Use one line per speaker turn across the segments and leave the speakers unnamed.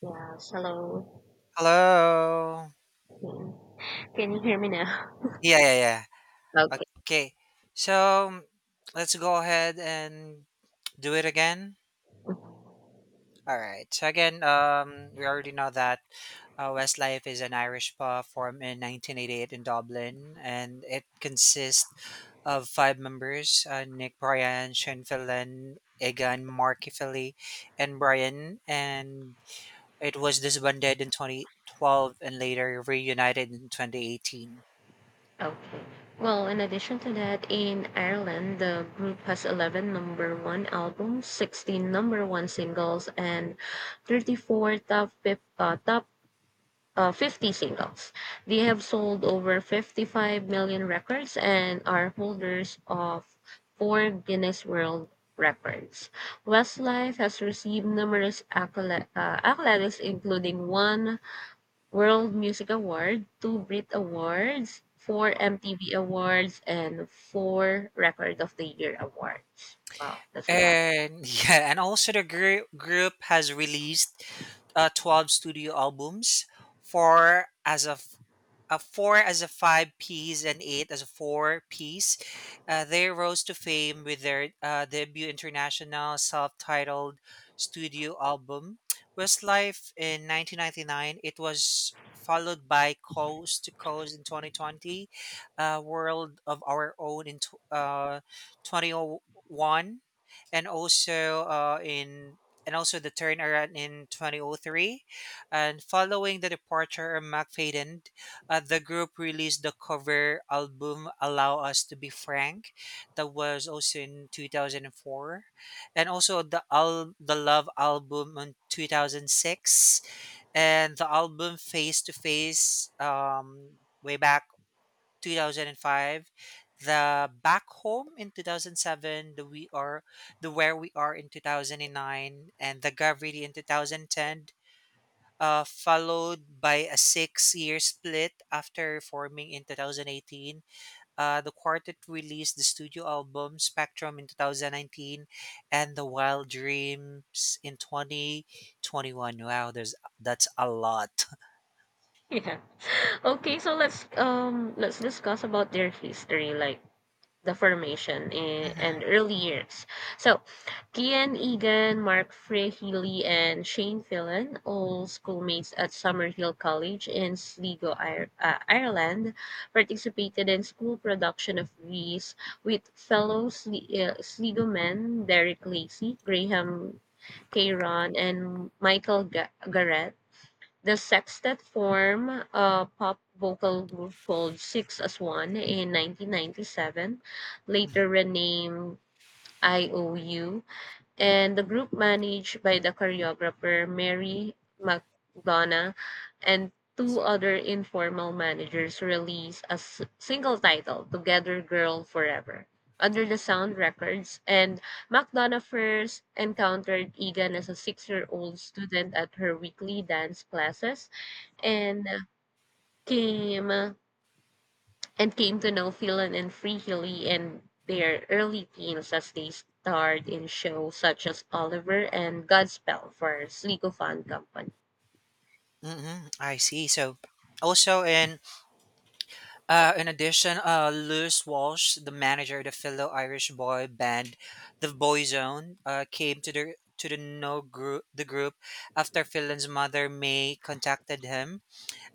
Yes, hello.
Hello.
Okay. Can you hear me now?
Yeah, yeah, yeah.
Okay.
Okay. So let's go ahead and do it again. All right. So again, we already know that Westlife is an Irish pub formed in 1988 in Dublin, and it consists of five members: Nick Bryan, Shane Fallon, Egan Marky Philly, and Brian. And it was disbanded in 2012 and later reunited in 2018.
Okay. Well, in addition to that, in Ireland, the group has 11 number one albums, 16 number one singles, and 34 top 50 singles. They have sold over 55 million records and are holders of four Guinness World Records. Westlife has received numerous accolades, including one World Music Award, two Brit Awards, 4 MTV Awards, and four Record of the Year Awards. Wow, that's a lot.
And yeah, and also the group has released 12 studio albums, 4 as a f- a four as a five piece and eight as a four piece. They rose to fame with their debut international self-titled studio album, Westlife, in 1999. It was followed by Coast to Coast in 2020, World of Our Own in 2001, and also the turnaround in 2003. And following the departure of McFadden, the group released the cover album Allow Us to Be Frank, that was also in 2004, and also the Love album in 2006, and the album Face to Face way back 2005, the back home in 2007, the we are the where we are in 2009, and the gravity in 2010, followed by a 6-year split. After forming in 2018, the quartet released the studio album spectrum in 2019 and the wild dreams in 2021. Wow, there's that's a lot.
Yeah. Okay, so let's discuss about their history. Like, the formation and
Mhm.
early years. So, Kian Egan, Mark Frey Healy, and Shane Phelan, all schoolmates at Summerhill College in Sligo, Ireland, participated in school production of these with fellow Sligo men Derek Lacey, Graham Caron, and Michael Garrett. The sextet formed a pop vocal group called Six as One in 1997, later renamed IOU, and the group managed by the choreographer Mary McDonough and two other informal managers released a single title, Together Girl Forever. Under the Sound Records, and McDonough first encountered Egan as a 6-year-old student at her weekly dance classes and came uh, came to know Phelan and Free Hilly in their early teens as they starred in shows such as Oliver and Godspell for Sligo Fan Company.
Mhm, I see. So also, in addition, Lewis Walsh, the manager of the fellow Irish boy band, the Boyzone, came to the no group the group after Phelan's mother May contacted him.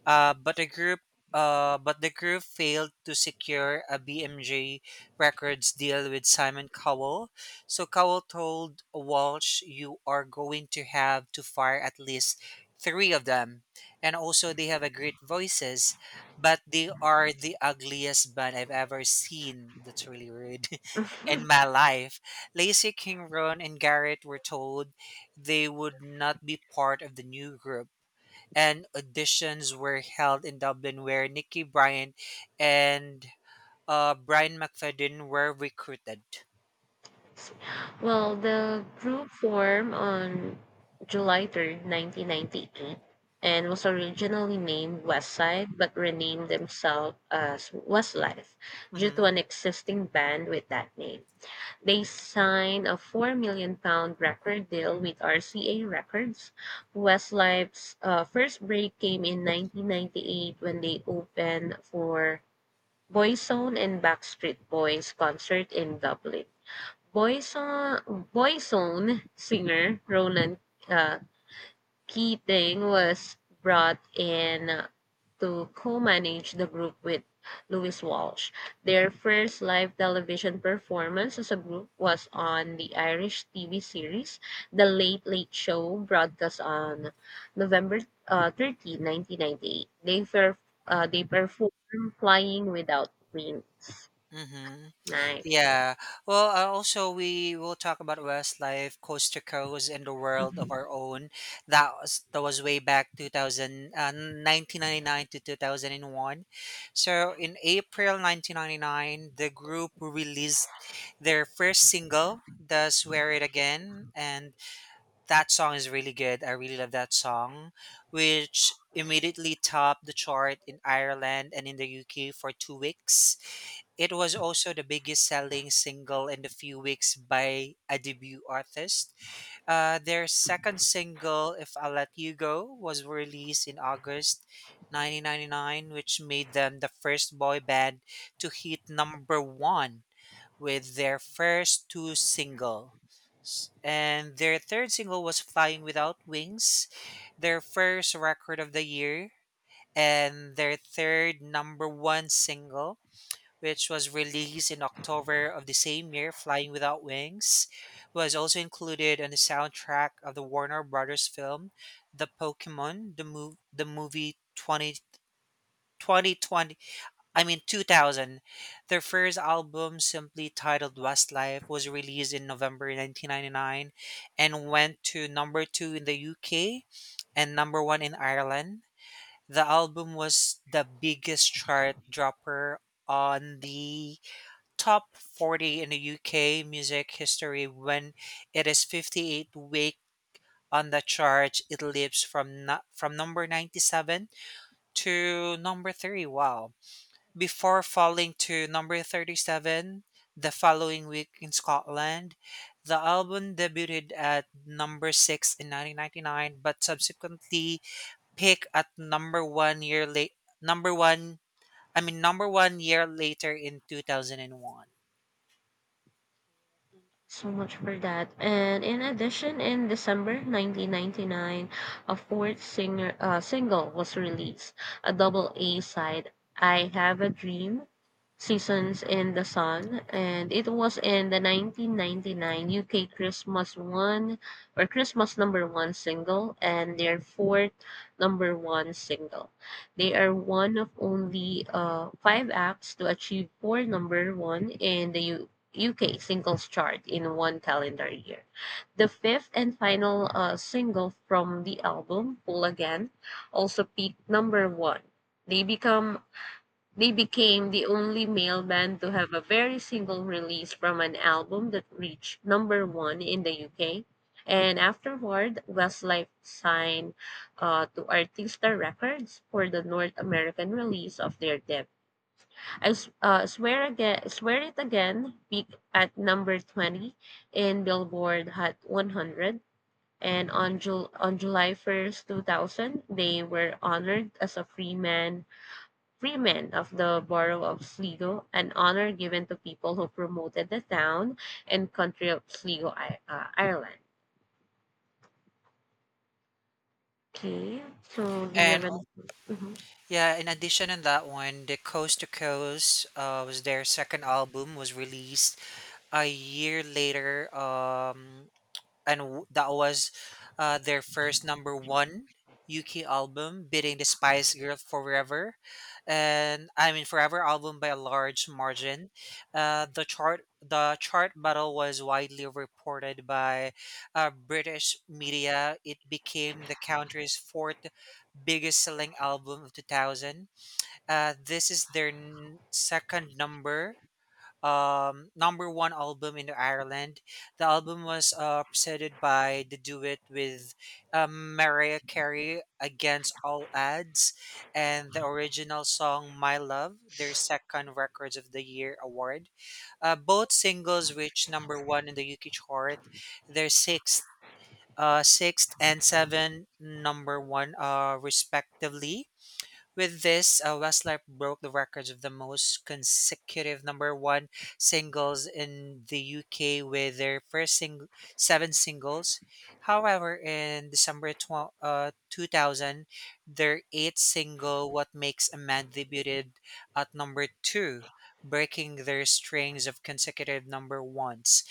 Uh, but the group but the group failed to secure a BMJ Records deal with Simon Cowell. So Cowell told Walsh, "You are going to have to fire at least three of them, and also they have a great voices, but they are the ugliest band I've ever seen." That's really rude in my life. Lacey King, Ron, and Garrett were told they would not be part of the new group, and auditions were held in Dublin, where Nikki Bryant and Brian McFadden were recruited.
Well, the group formed on July 3rd, 1998 and was originally named Westside but renamed themselves as Westlife due
Mm-hmm.
to an existing band with that name. They signed a £4 million record deal with RCA Records. Westlife's first break came in 1998 when they opened for Boyzone and Backstreet Boys concert in Dublin. Boyzone singer Ronan uh, Keating was brought in to co-manage the group with Louis Walsh. Their first live television performance as a group was on the Irish TV series The Late Late Show, broadcast on November 13, 1998. They performed Flying Without Wings.
Mm-hmm.
Nice.
Yeah. Well, also we will talk about Westlife, Coast to Coast, and the world of our own. That was way back 2000, 1999 to 2001. So in April 1999, the group released their first single, "The Swear It Again," and that song is really good. I really love that song, which immediately topped the chart in Ireland and in the UK for 2 weeks. It was also the biggest selling single in the few weeks by a debut artist. Their second single, If I Let You Go, was released in August 1999, which made them the first boy band to hit number one with their first two single. And their third single was Flying Without Wings, their first record of the year, and their third number one single, which was released in October of the same year. Flying Without Wings was also included on the soundtrack of the Warner Brothers film, The Pokemon, the movie 20, I mean 2000. Their first album, simply titled Westlife, was released in November 1999 and went to number 2 in the UK and number 1 in Ireland. The album was the biggest chart dropper on the top 40 in the UK music history when it is 58 week on the chart. It leaps from number 97 to number 3. Wow, before falling to number 37 the following week in Scotland. The album debuted at number 6 in 1999 but subsequently peaked at number 1, I mean, number 1 year later in 2001.
So much for that. And in addition, in December 1999, a fourth singer single was released, a double A side, "I Have a Dream,"
Mhm.
"Seasons in the Sun," and it was in the 1999 UK Christmas one or Christmas number one single, and their fourth number one single. They are one of only five acts to achieve four number one in the UK singles chart in one calendar year. The fifth and final single from the album, Pull Again, also peaked number one. They become they became the only male band to have a very single release from an album that reached number one in the UK. And afterward, Westlife signed to Artista Records for the North American release of their debut. I S- swear again, Swear it again peaked at number 20 in Billboard Hot 100, and on July 1st, 2000, they were honored as a Freeman of the Borough of Sligo, an honor given to people who promoted the town and country of Sligo, Ireland. Okay, so do you
And
have any? Mhm.
yeah, in addition to that one, the Coast to Coast, was their second album, was released a year later. And that was their first number one UK album, beating the Spice Girl Forever, and I mean Forever album by a large margin. The chart battle was widely reported by British media. It became the country's fourth biggest selling album of 2000. This is their second number one album in Ireland. The album was presented by The Duet with Mariah Carey against all odds, and the original song My Love, their second Records of the Year award. Both singles reached number one in the UK chart, their sixth. Sixth and seven number one respectively. With this, Westlife broke the records of the most consecutive number one singles in the UK with their first seven singles. However, in December 2000, their eighth single, What Makes a Man, debuted at number two, breaking their strings of consecutive number ones.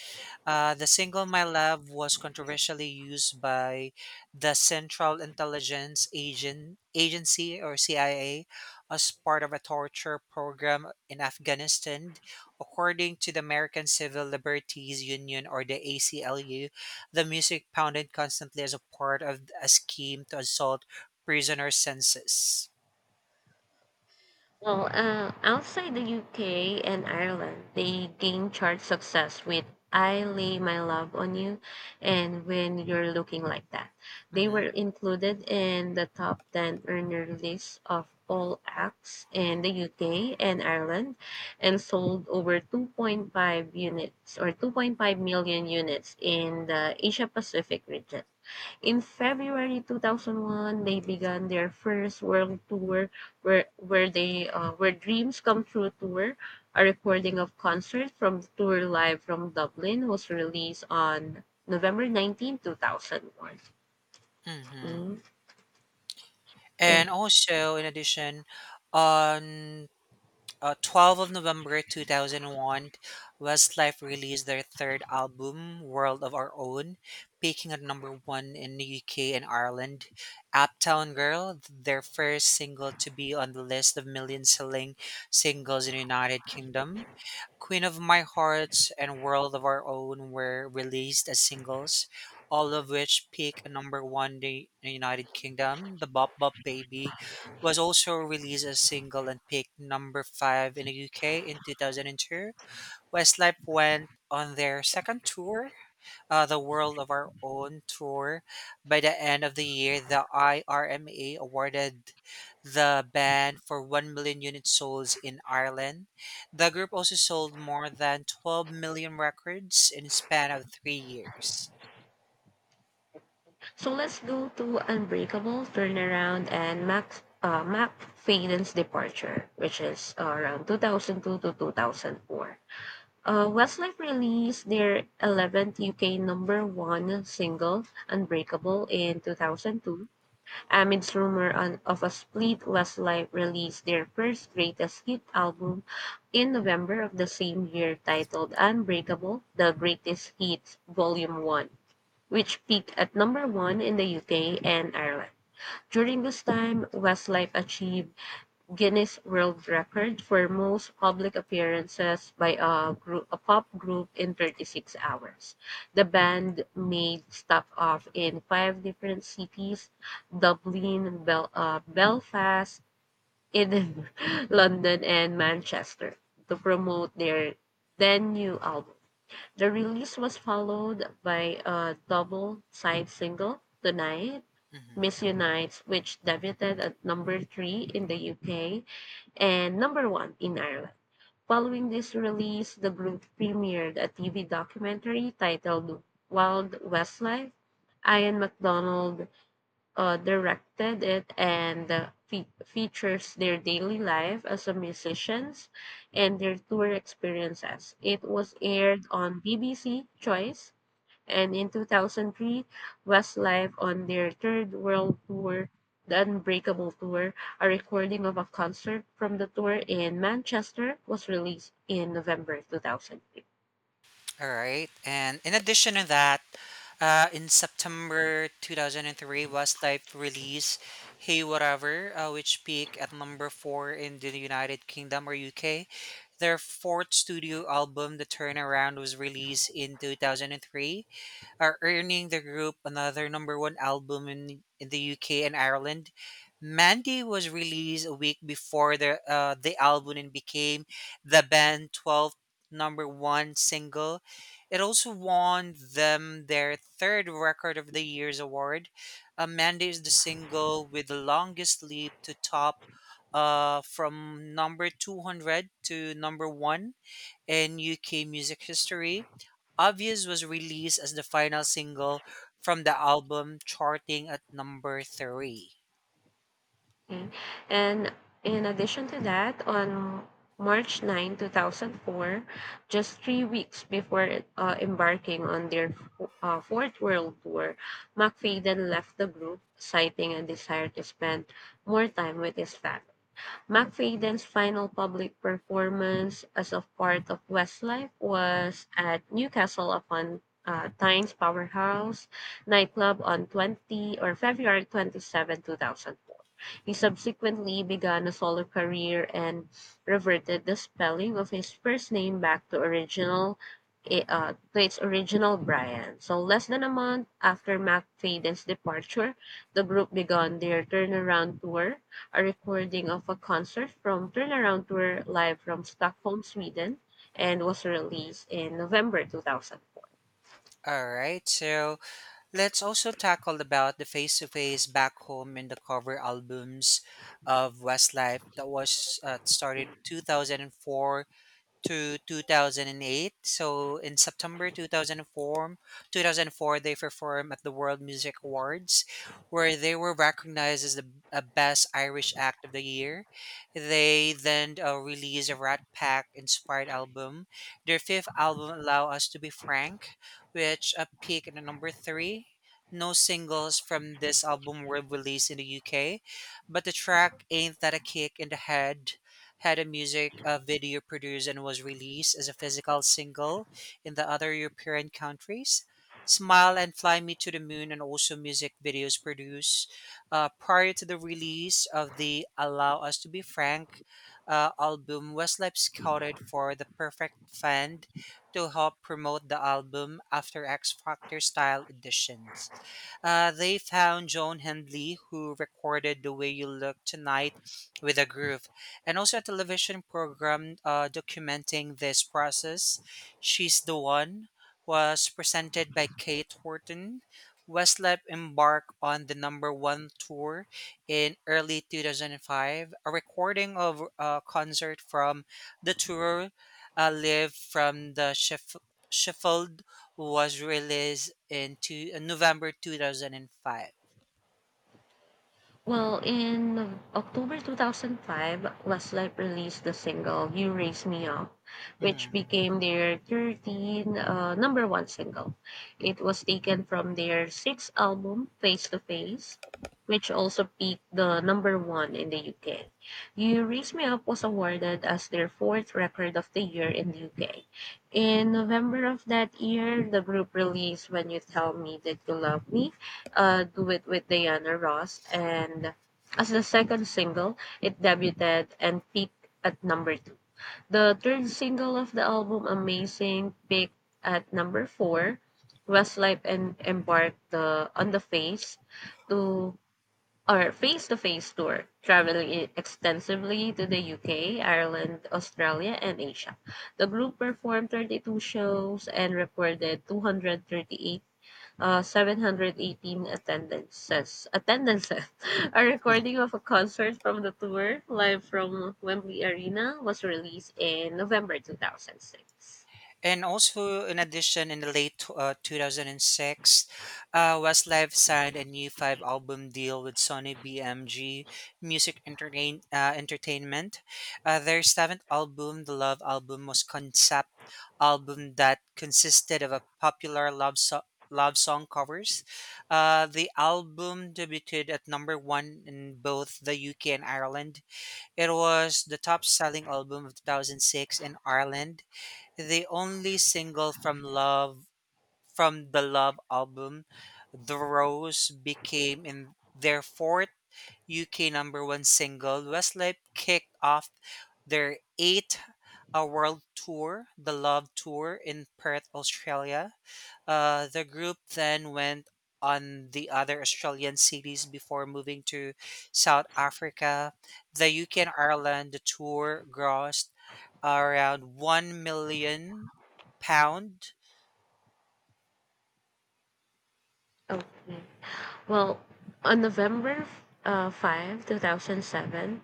The single My Love was controversially used by the Central Intelligence Agency or CIA as part of a torture program in Afghanistan. According to the American Civil Liberties Union or the ACLU, the music pounded constantly as a part of a scheme to assault prisoner census.
Well, outside the UK and Ireland, they gained chart success with I Lay My Love on You and When You're Looking Like That. They
Hmm.
were included in the top 10 earner list of all acts in the UK and Ireland and sold over 2.5 million units in the Asia Pacific region. In February 2001, they began their first world tour, where Dreams Come True tour. A recording of concert from the tour live from Dublin was released on November 19th two 2001.
Hmm.
And
And also, in addition, on 12th of November 2001, Westlife released their third album, World of Our Own, peaking at number one in the UK and Ireland. Uptown Girl, their first single to be on the list of million selling singles in the United Kingdom, "Queen of My Heart" and "World of Our Own" were released as singles, all of which peaked at number one in the United Kingdom. "The Bop Bop Baby" was also released as single and peaked number five in the UK in 2002. Westlife went on their second tour, the World of Our Own tour. By the end of the year, the IRMA awarded the band for 1 million units sold in Ireland. The group also sold more than 12 million records in a span of 3 years.
so let's go to Unbreakable, Turnaround, and Max Mac Faden's Departure, which is around 2002 to 2004. Westlife released their 11th UK number one single, Unbreakable, in 2002. Amidst rumor of a split, Westlife released their first greatest hit album in November of the same year, titled Unbreakable The Greatest Hits Volume 1, which peaked at number one in the UK and Ireland. During this time, Westlife achieved Guinness World Record for most public appearances by a group a pop group in 36 hours. The band made stop off in five different cities: Dublin, Belfast, Edinburgh, London, and Manchester to promote their then new album. The release was followed by a double side single, Tonight,
Mhm.
Miss Unites, which debuted at number three in the UK and number one in Ireland. Following this release, the group premiered a TV documentary titled Wild Westlife. Ian MacDonald directed it and features their daily life as a musicians and their tour experiences. It was aired on BBC Choice, and in 2003, Westlife on their third world tour, the Unbreakable Tour, a recording of a concert from the tour in Manchester was released in November 2003.
All right. And in addition to that, in September 2003, Westlife released Hey Whatever, which peaked at number four in the United Kingdom or UK. Their fourth studio album, The Turnaround, was released in 2003, are earning the group another number one album in the UK and Ireland. Mandy was released a week before the album and became the band's 12th number one single. It also won them their third Record of the Year's award. Mandy is the single with the longest leap to top, from number 200 to number one in UK music history. Obvious was released as the final single from the album, charting at number three.
Okay. And in addition to that, on March 9, 2004, just 3 weeks before embarking on their fourth world tour, McFadden left the group, citing a desire to spend more time with his family. McFadden's final public performance as a part of Westlife was at Newcastle upon Tyne's Powerhouse nightclub on 20 or February 27, 2004. He subsequently began a solo career and reverted the spelling of his first name back to original, to its original Brian. So less than a month after McFadden's departure, the group began their turnaround tour. A recording of a concert from Turnaround Tour live from Stockholm, Sweden, and was released in November 2004.
All right, so let's also tackle about the face to face back home in the cover albums of Westlife that was started 2004 to 2008. So in September 2004 they performed at the World Music Awards, where they were recognized as the best Irish act of the year. They then released a Rat Pack inspired album. Their fifth album, Allow Us to Be Frank, which peaked at number three. No singles from this album were released in the UK, but the track Ain't That a Kick in the Head had a music video produced and was released as a physical single in the other European countries. Smile and Fly Me to the Moon, and also music videos produced prior to the release of the Allow Us to Be Frank album. Westlife scouted for the perfect fund to help promote the album after X Factor style auditions. They found Joan Hendley, who recorded The Way You Look Tonight with a Groove, and also a television program documenting this process. She's the One was presented by Kate Horton. Westlife embarked on the number one tour in early 2005. A recording of a concert from the tour, live from the Sheffield, was released in November 2005.
Well, in October 2005, Westlife released the single You Raise Me Up, which
Mhm.
became their 13th number one single. It was taken from their sixth album, Face to Face, which also peaked the number one in the UK. You Raise Me Up was awarded as their fourth record of the year in the UK. In November of that year, the group released When You Tell Me That You Love Me, Do it with Diana Ross, and as the second single, it debuted and peaked at number two. The third single of the album, Amazing, peaked at number four. Westlife and embarked on the to face to face tour, traveling extensively to the UK, Ireland, Australia, and Asia. The group performed 32 shows and recorded 238 718 attendances. A
Yeah.
recording of a concert from the tour, live from Wembley Arena, was released in November 2006.
And also, in addition, in the late 2006, Westlife signed a new five album deal with Sony BMG Music Entertainment. Their seventh album, the Love Album, was concept album that consisted of a popular love song. Love song covers. The album debuted at number one in both the UK and Ireland. It was the top selling album of 2006 in Ireland, the only single from the Love album. The Rose became in their fourth UK number 1 single. Westlife kicked off their 8 a world tour, the Love Tour in Perth, Australia. The group then went on the other Australian cities before moving to South Africa, the UK, and Ireland. The tour grossed around £1 million.
Okay. Well, on November 5, 2007,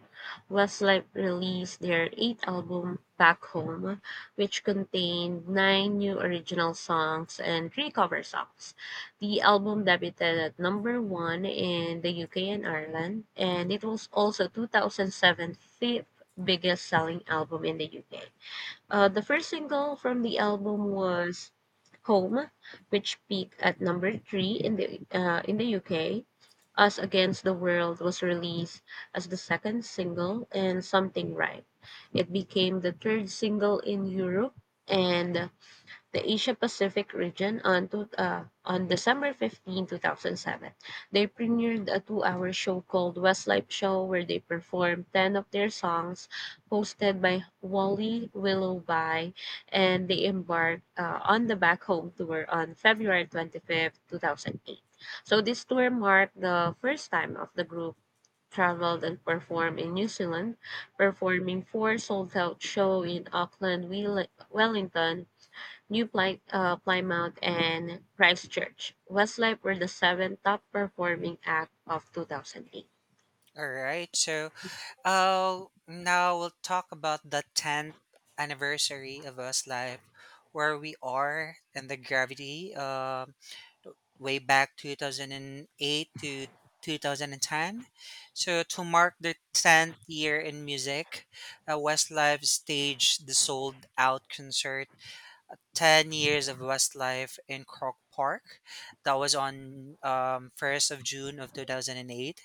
Westlife released their eighth album, Back Home, which contained nine new original songs and three cover songs. The album debuted at number one in the UK and Ireland, and it was also 2007's fifth biggest selling album in the UK. The first single from the album was "Home," which peaked at number three in the UK. "Us Against the World" was released as the second single, and "Something Right." It became the third single in Europe and the Asia Pacific region on December 15, 2007. They premiered a 2-hour show called Westlife Show where they performed 10 of their songs hosted by Wally Willoughby, and they embarked on the Back Home Tour on February 25th 2008. So this tour marked the first time of the group traveled and performed in New Zealand, performing four sold-out shows in Auckland, Wellington, New Plymouth, and Christchurch. Westlife were the seventh top performing act of 2008.
All right, so now we'll talk about the 10th anniversary of us life, where we are and the gravity. Way back 2008 to 2010. So to mark their 10th year in music, Westlife staged the sold out concert 10 years of Westlife in Croke Park. That was on 1st of June of 2008.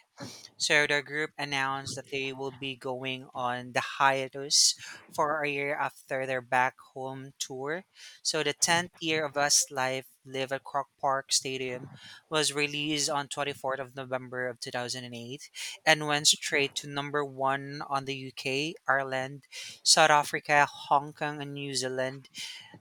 So the group announced that they will be going on the hiatus for a year after their back home tour. So the 10th year of Us live Live at Croc Park Stadium was released on 24th of November of 2008 and went straight to number 1 on the UK, Ireland, South Africa, Hong Kong, and New Zealand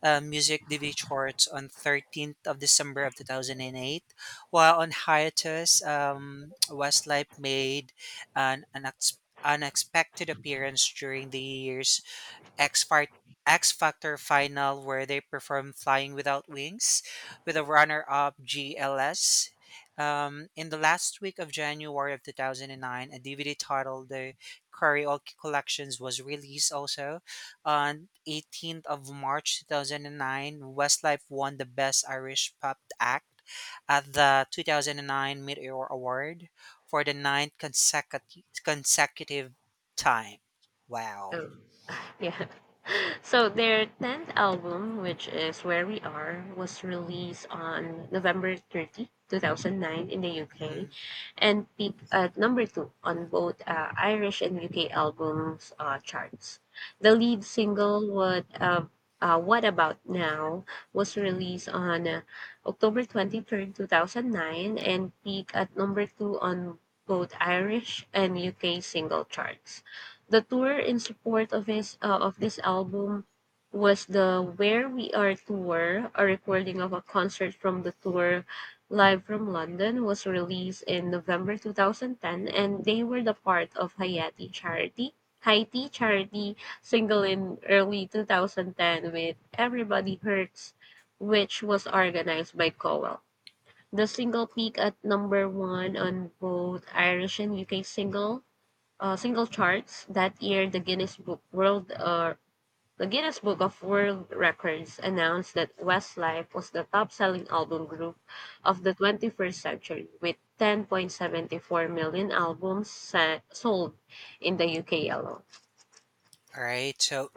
music DV charts on 13th of December of 2008. While on hiatus, Westlife made an unexpected appearance during the year's X Fart- X Factor final, where they performed Flying Without Wings with a runner up GLS. In the last week of January of 2009, a DVD titled The Karaoke Collections was released also. On 18th of March 2009, Westlife won the Best Irish Pop Act at the 2009 Mid-Year Award for the ninth consecutive time. Wow.
Oh. Yeah. So their 10th album, which is Where We Are, was released on November 30, 2009 in the
Mm-hmm.
UK and peaked at number 2 on both Irish and UK albums charts. The lead single, What About Now, was released on October 23rd, 2009 and peaked at number 2 on both Irish and UK single charts. The tour in support of this album was the Where We Are tour. A recording of a concert from the tour live from London was released in November 2010, and they were the part of Hayati Charity. Haiti Charity single in early 2010 with Everybody Hurts, which was organized by Cowell. The single peaked at number one on both Irish and UK single charts. That year, the Guinness Book World the Guinness Book of World Records announced that Westlife was the top-selling album group of the 21st century, with 10.74 million albums sold in the UK alone.
All right. So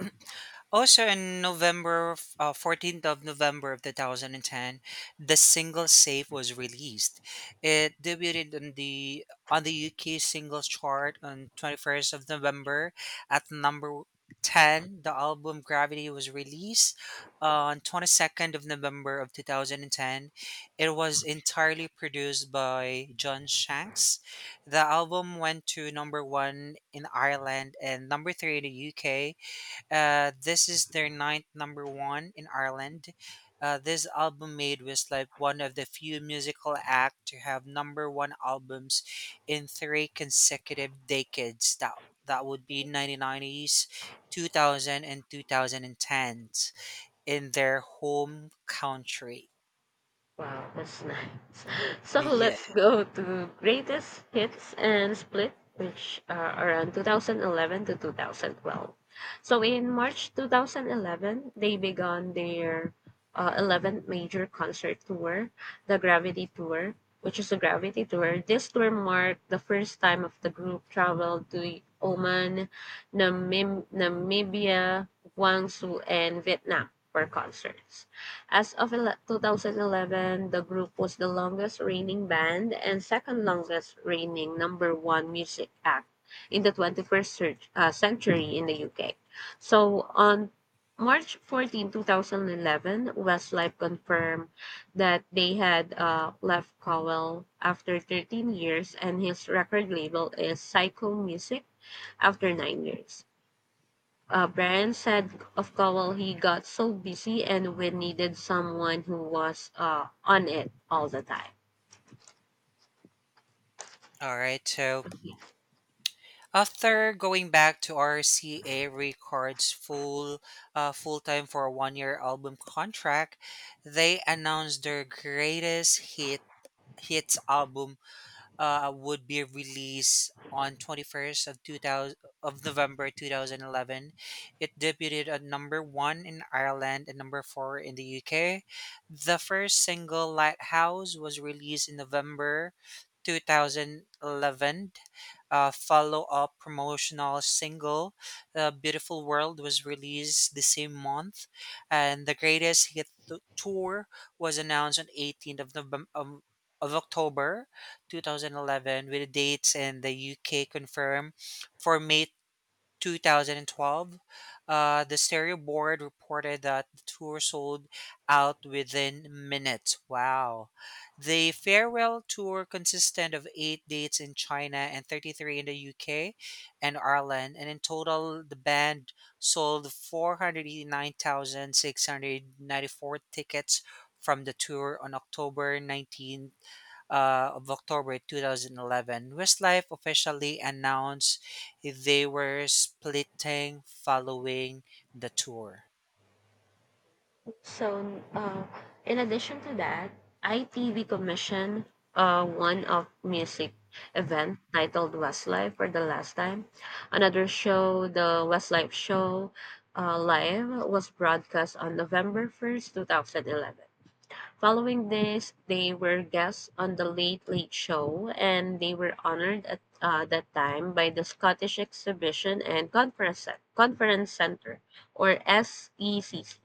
also in November, 14th of November of 2010, the single "Safe" was released. It debuted on the UK singles chart on 21st of November at number 10. The album Gravity was released on 22nd of November of 2010. It was entirely produced by John Shanks. The album went to number 1 in Ireland and number 3 in the UK. This is their ninth number one in Ireland. This album made Westlife one of the few musical acts to have number one albums in three consecutive decades. That would be 1990s, 2000, in their home country.
Wow, that's nice. So
Yeah.
let's go to greatest hits and split, which are around 2011 to 2012. So in March 2011, they began their 11th major concert tour, the Gravity Tour, which is a Gravity Tour. This tour marked the first time of the group traveled to Oman, Namibia, Guangzhou, and Vietnam for concerts. As of 2011, the group was the longest reigning band and second longest reigning number one music act in the 21st century in the UK. So on March 14, 2011, Westlife confirmed that they had left Cowell after 13 years and his record label is Psycho Music after 9 years. Brian said of Cowell, he got so busy and we needed someone who was on it all the time.
All right. So after going back to RCA Records full time for a 1 year album contract, they announced their greatest hits album would be released on 21st of 2000 of November 2011. It debuted at number 1 in Ireland and number 4 in the UK. The first single Lighthouse was released in November 2011. Follow-up promotional single Beautiful World was released the same month, and the tour was announced on 18th of of October 2011, with the dates in the UK confirmed for May 2012. The stereo board reported that the tour sold out within minutes. Wow. The farewell tour consisted of eight dates in China and 33 in the UK and Ireland. And in total, the band sold 489,694 tickets from the tour. On October 19, of October 2011, Westlife officially announced they were splitting following the tour.
So, in addition to that, ITV commissioned one of music event titled Westlife for the last time. Another show, the Westlife Show Live, was broadcast on November 1st, 2011. Following this, they were guests on The Late Late Show, and they were honored at that time by the Scottish Exhibition and Conference Centre, or SECC,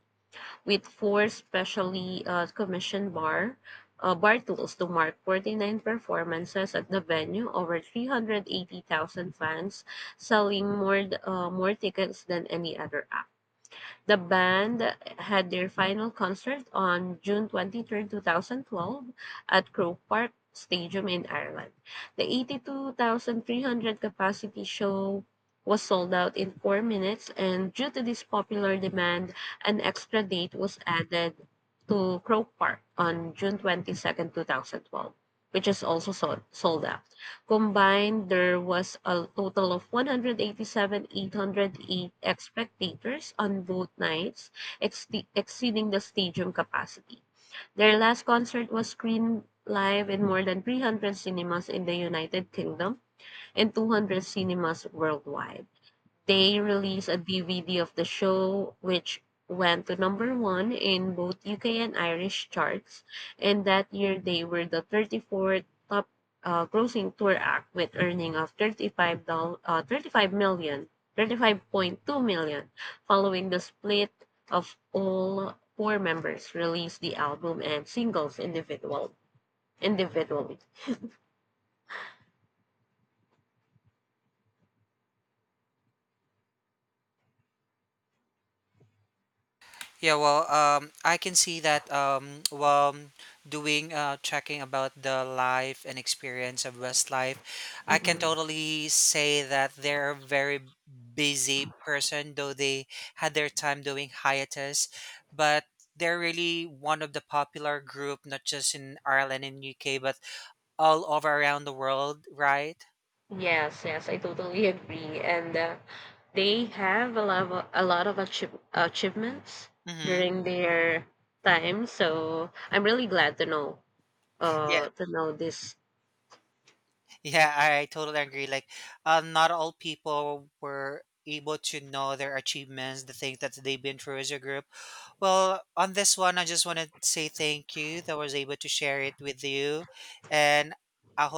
with four specially commissioned bar tools to mark 49 performances at the venue, over 380,000 fans, selling more tickets than any other act. The band had their final concert on June 23, 2012 at Croke Park Stadium in Ireland. The 82,300 capacity show was sold out in 4 minutes, and due to this popular demand, an extra date was added to Croke Park on June 22nd, 2012, which is also sold out. Combined, there was a total of one hundred eighty-seven, thousand eight hundred eight spectators on both nights, ex- exceeding the stadium capacity. Their last concert was screened live in more than 300 cinemas in the United Kingdom and 200 cinemas worldwide. They released a DVD of the show, which went to number one in both UK and Irish charts. And that year, they were the 34th top grossing tour act with earning of 35, doll- thirty-five million 35.2 million. Following the split of all four members released the album and singles individually.
Yeah, well, I can see that while doing checking about the life and experience of Westlife, I can
Mm-hmm.
totally say that they're a very busy person, though they had their time doing hiatus, but they're really one of the popular group, not just in Ireland and UK, but all over around the world, right?
Yes, yes, I totally agree. And they have a lot of achievements
Mhm.
during their time. So I'm really glad to know
Yeah.
this
Yeah, I totally agree. Like, not all people were able to know their achievements, the things that they've been through as a group. Well, on this one, I just want to say thank you that I was able to share it with you. And I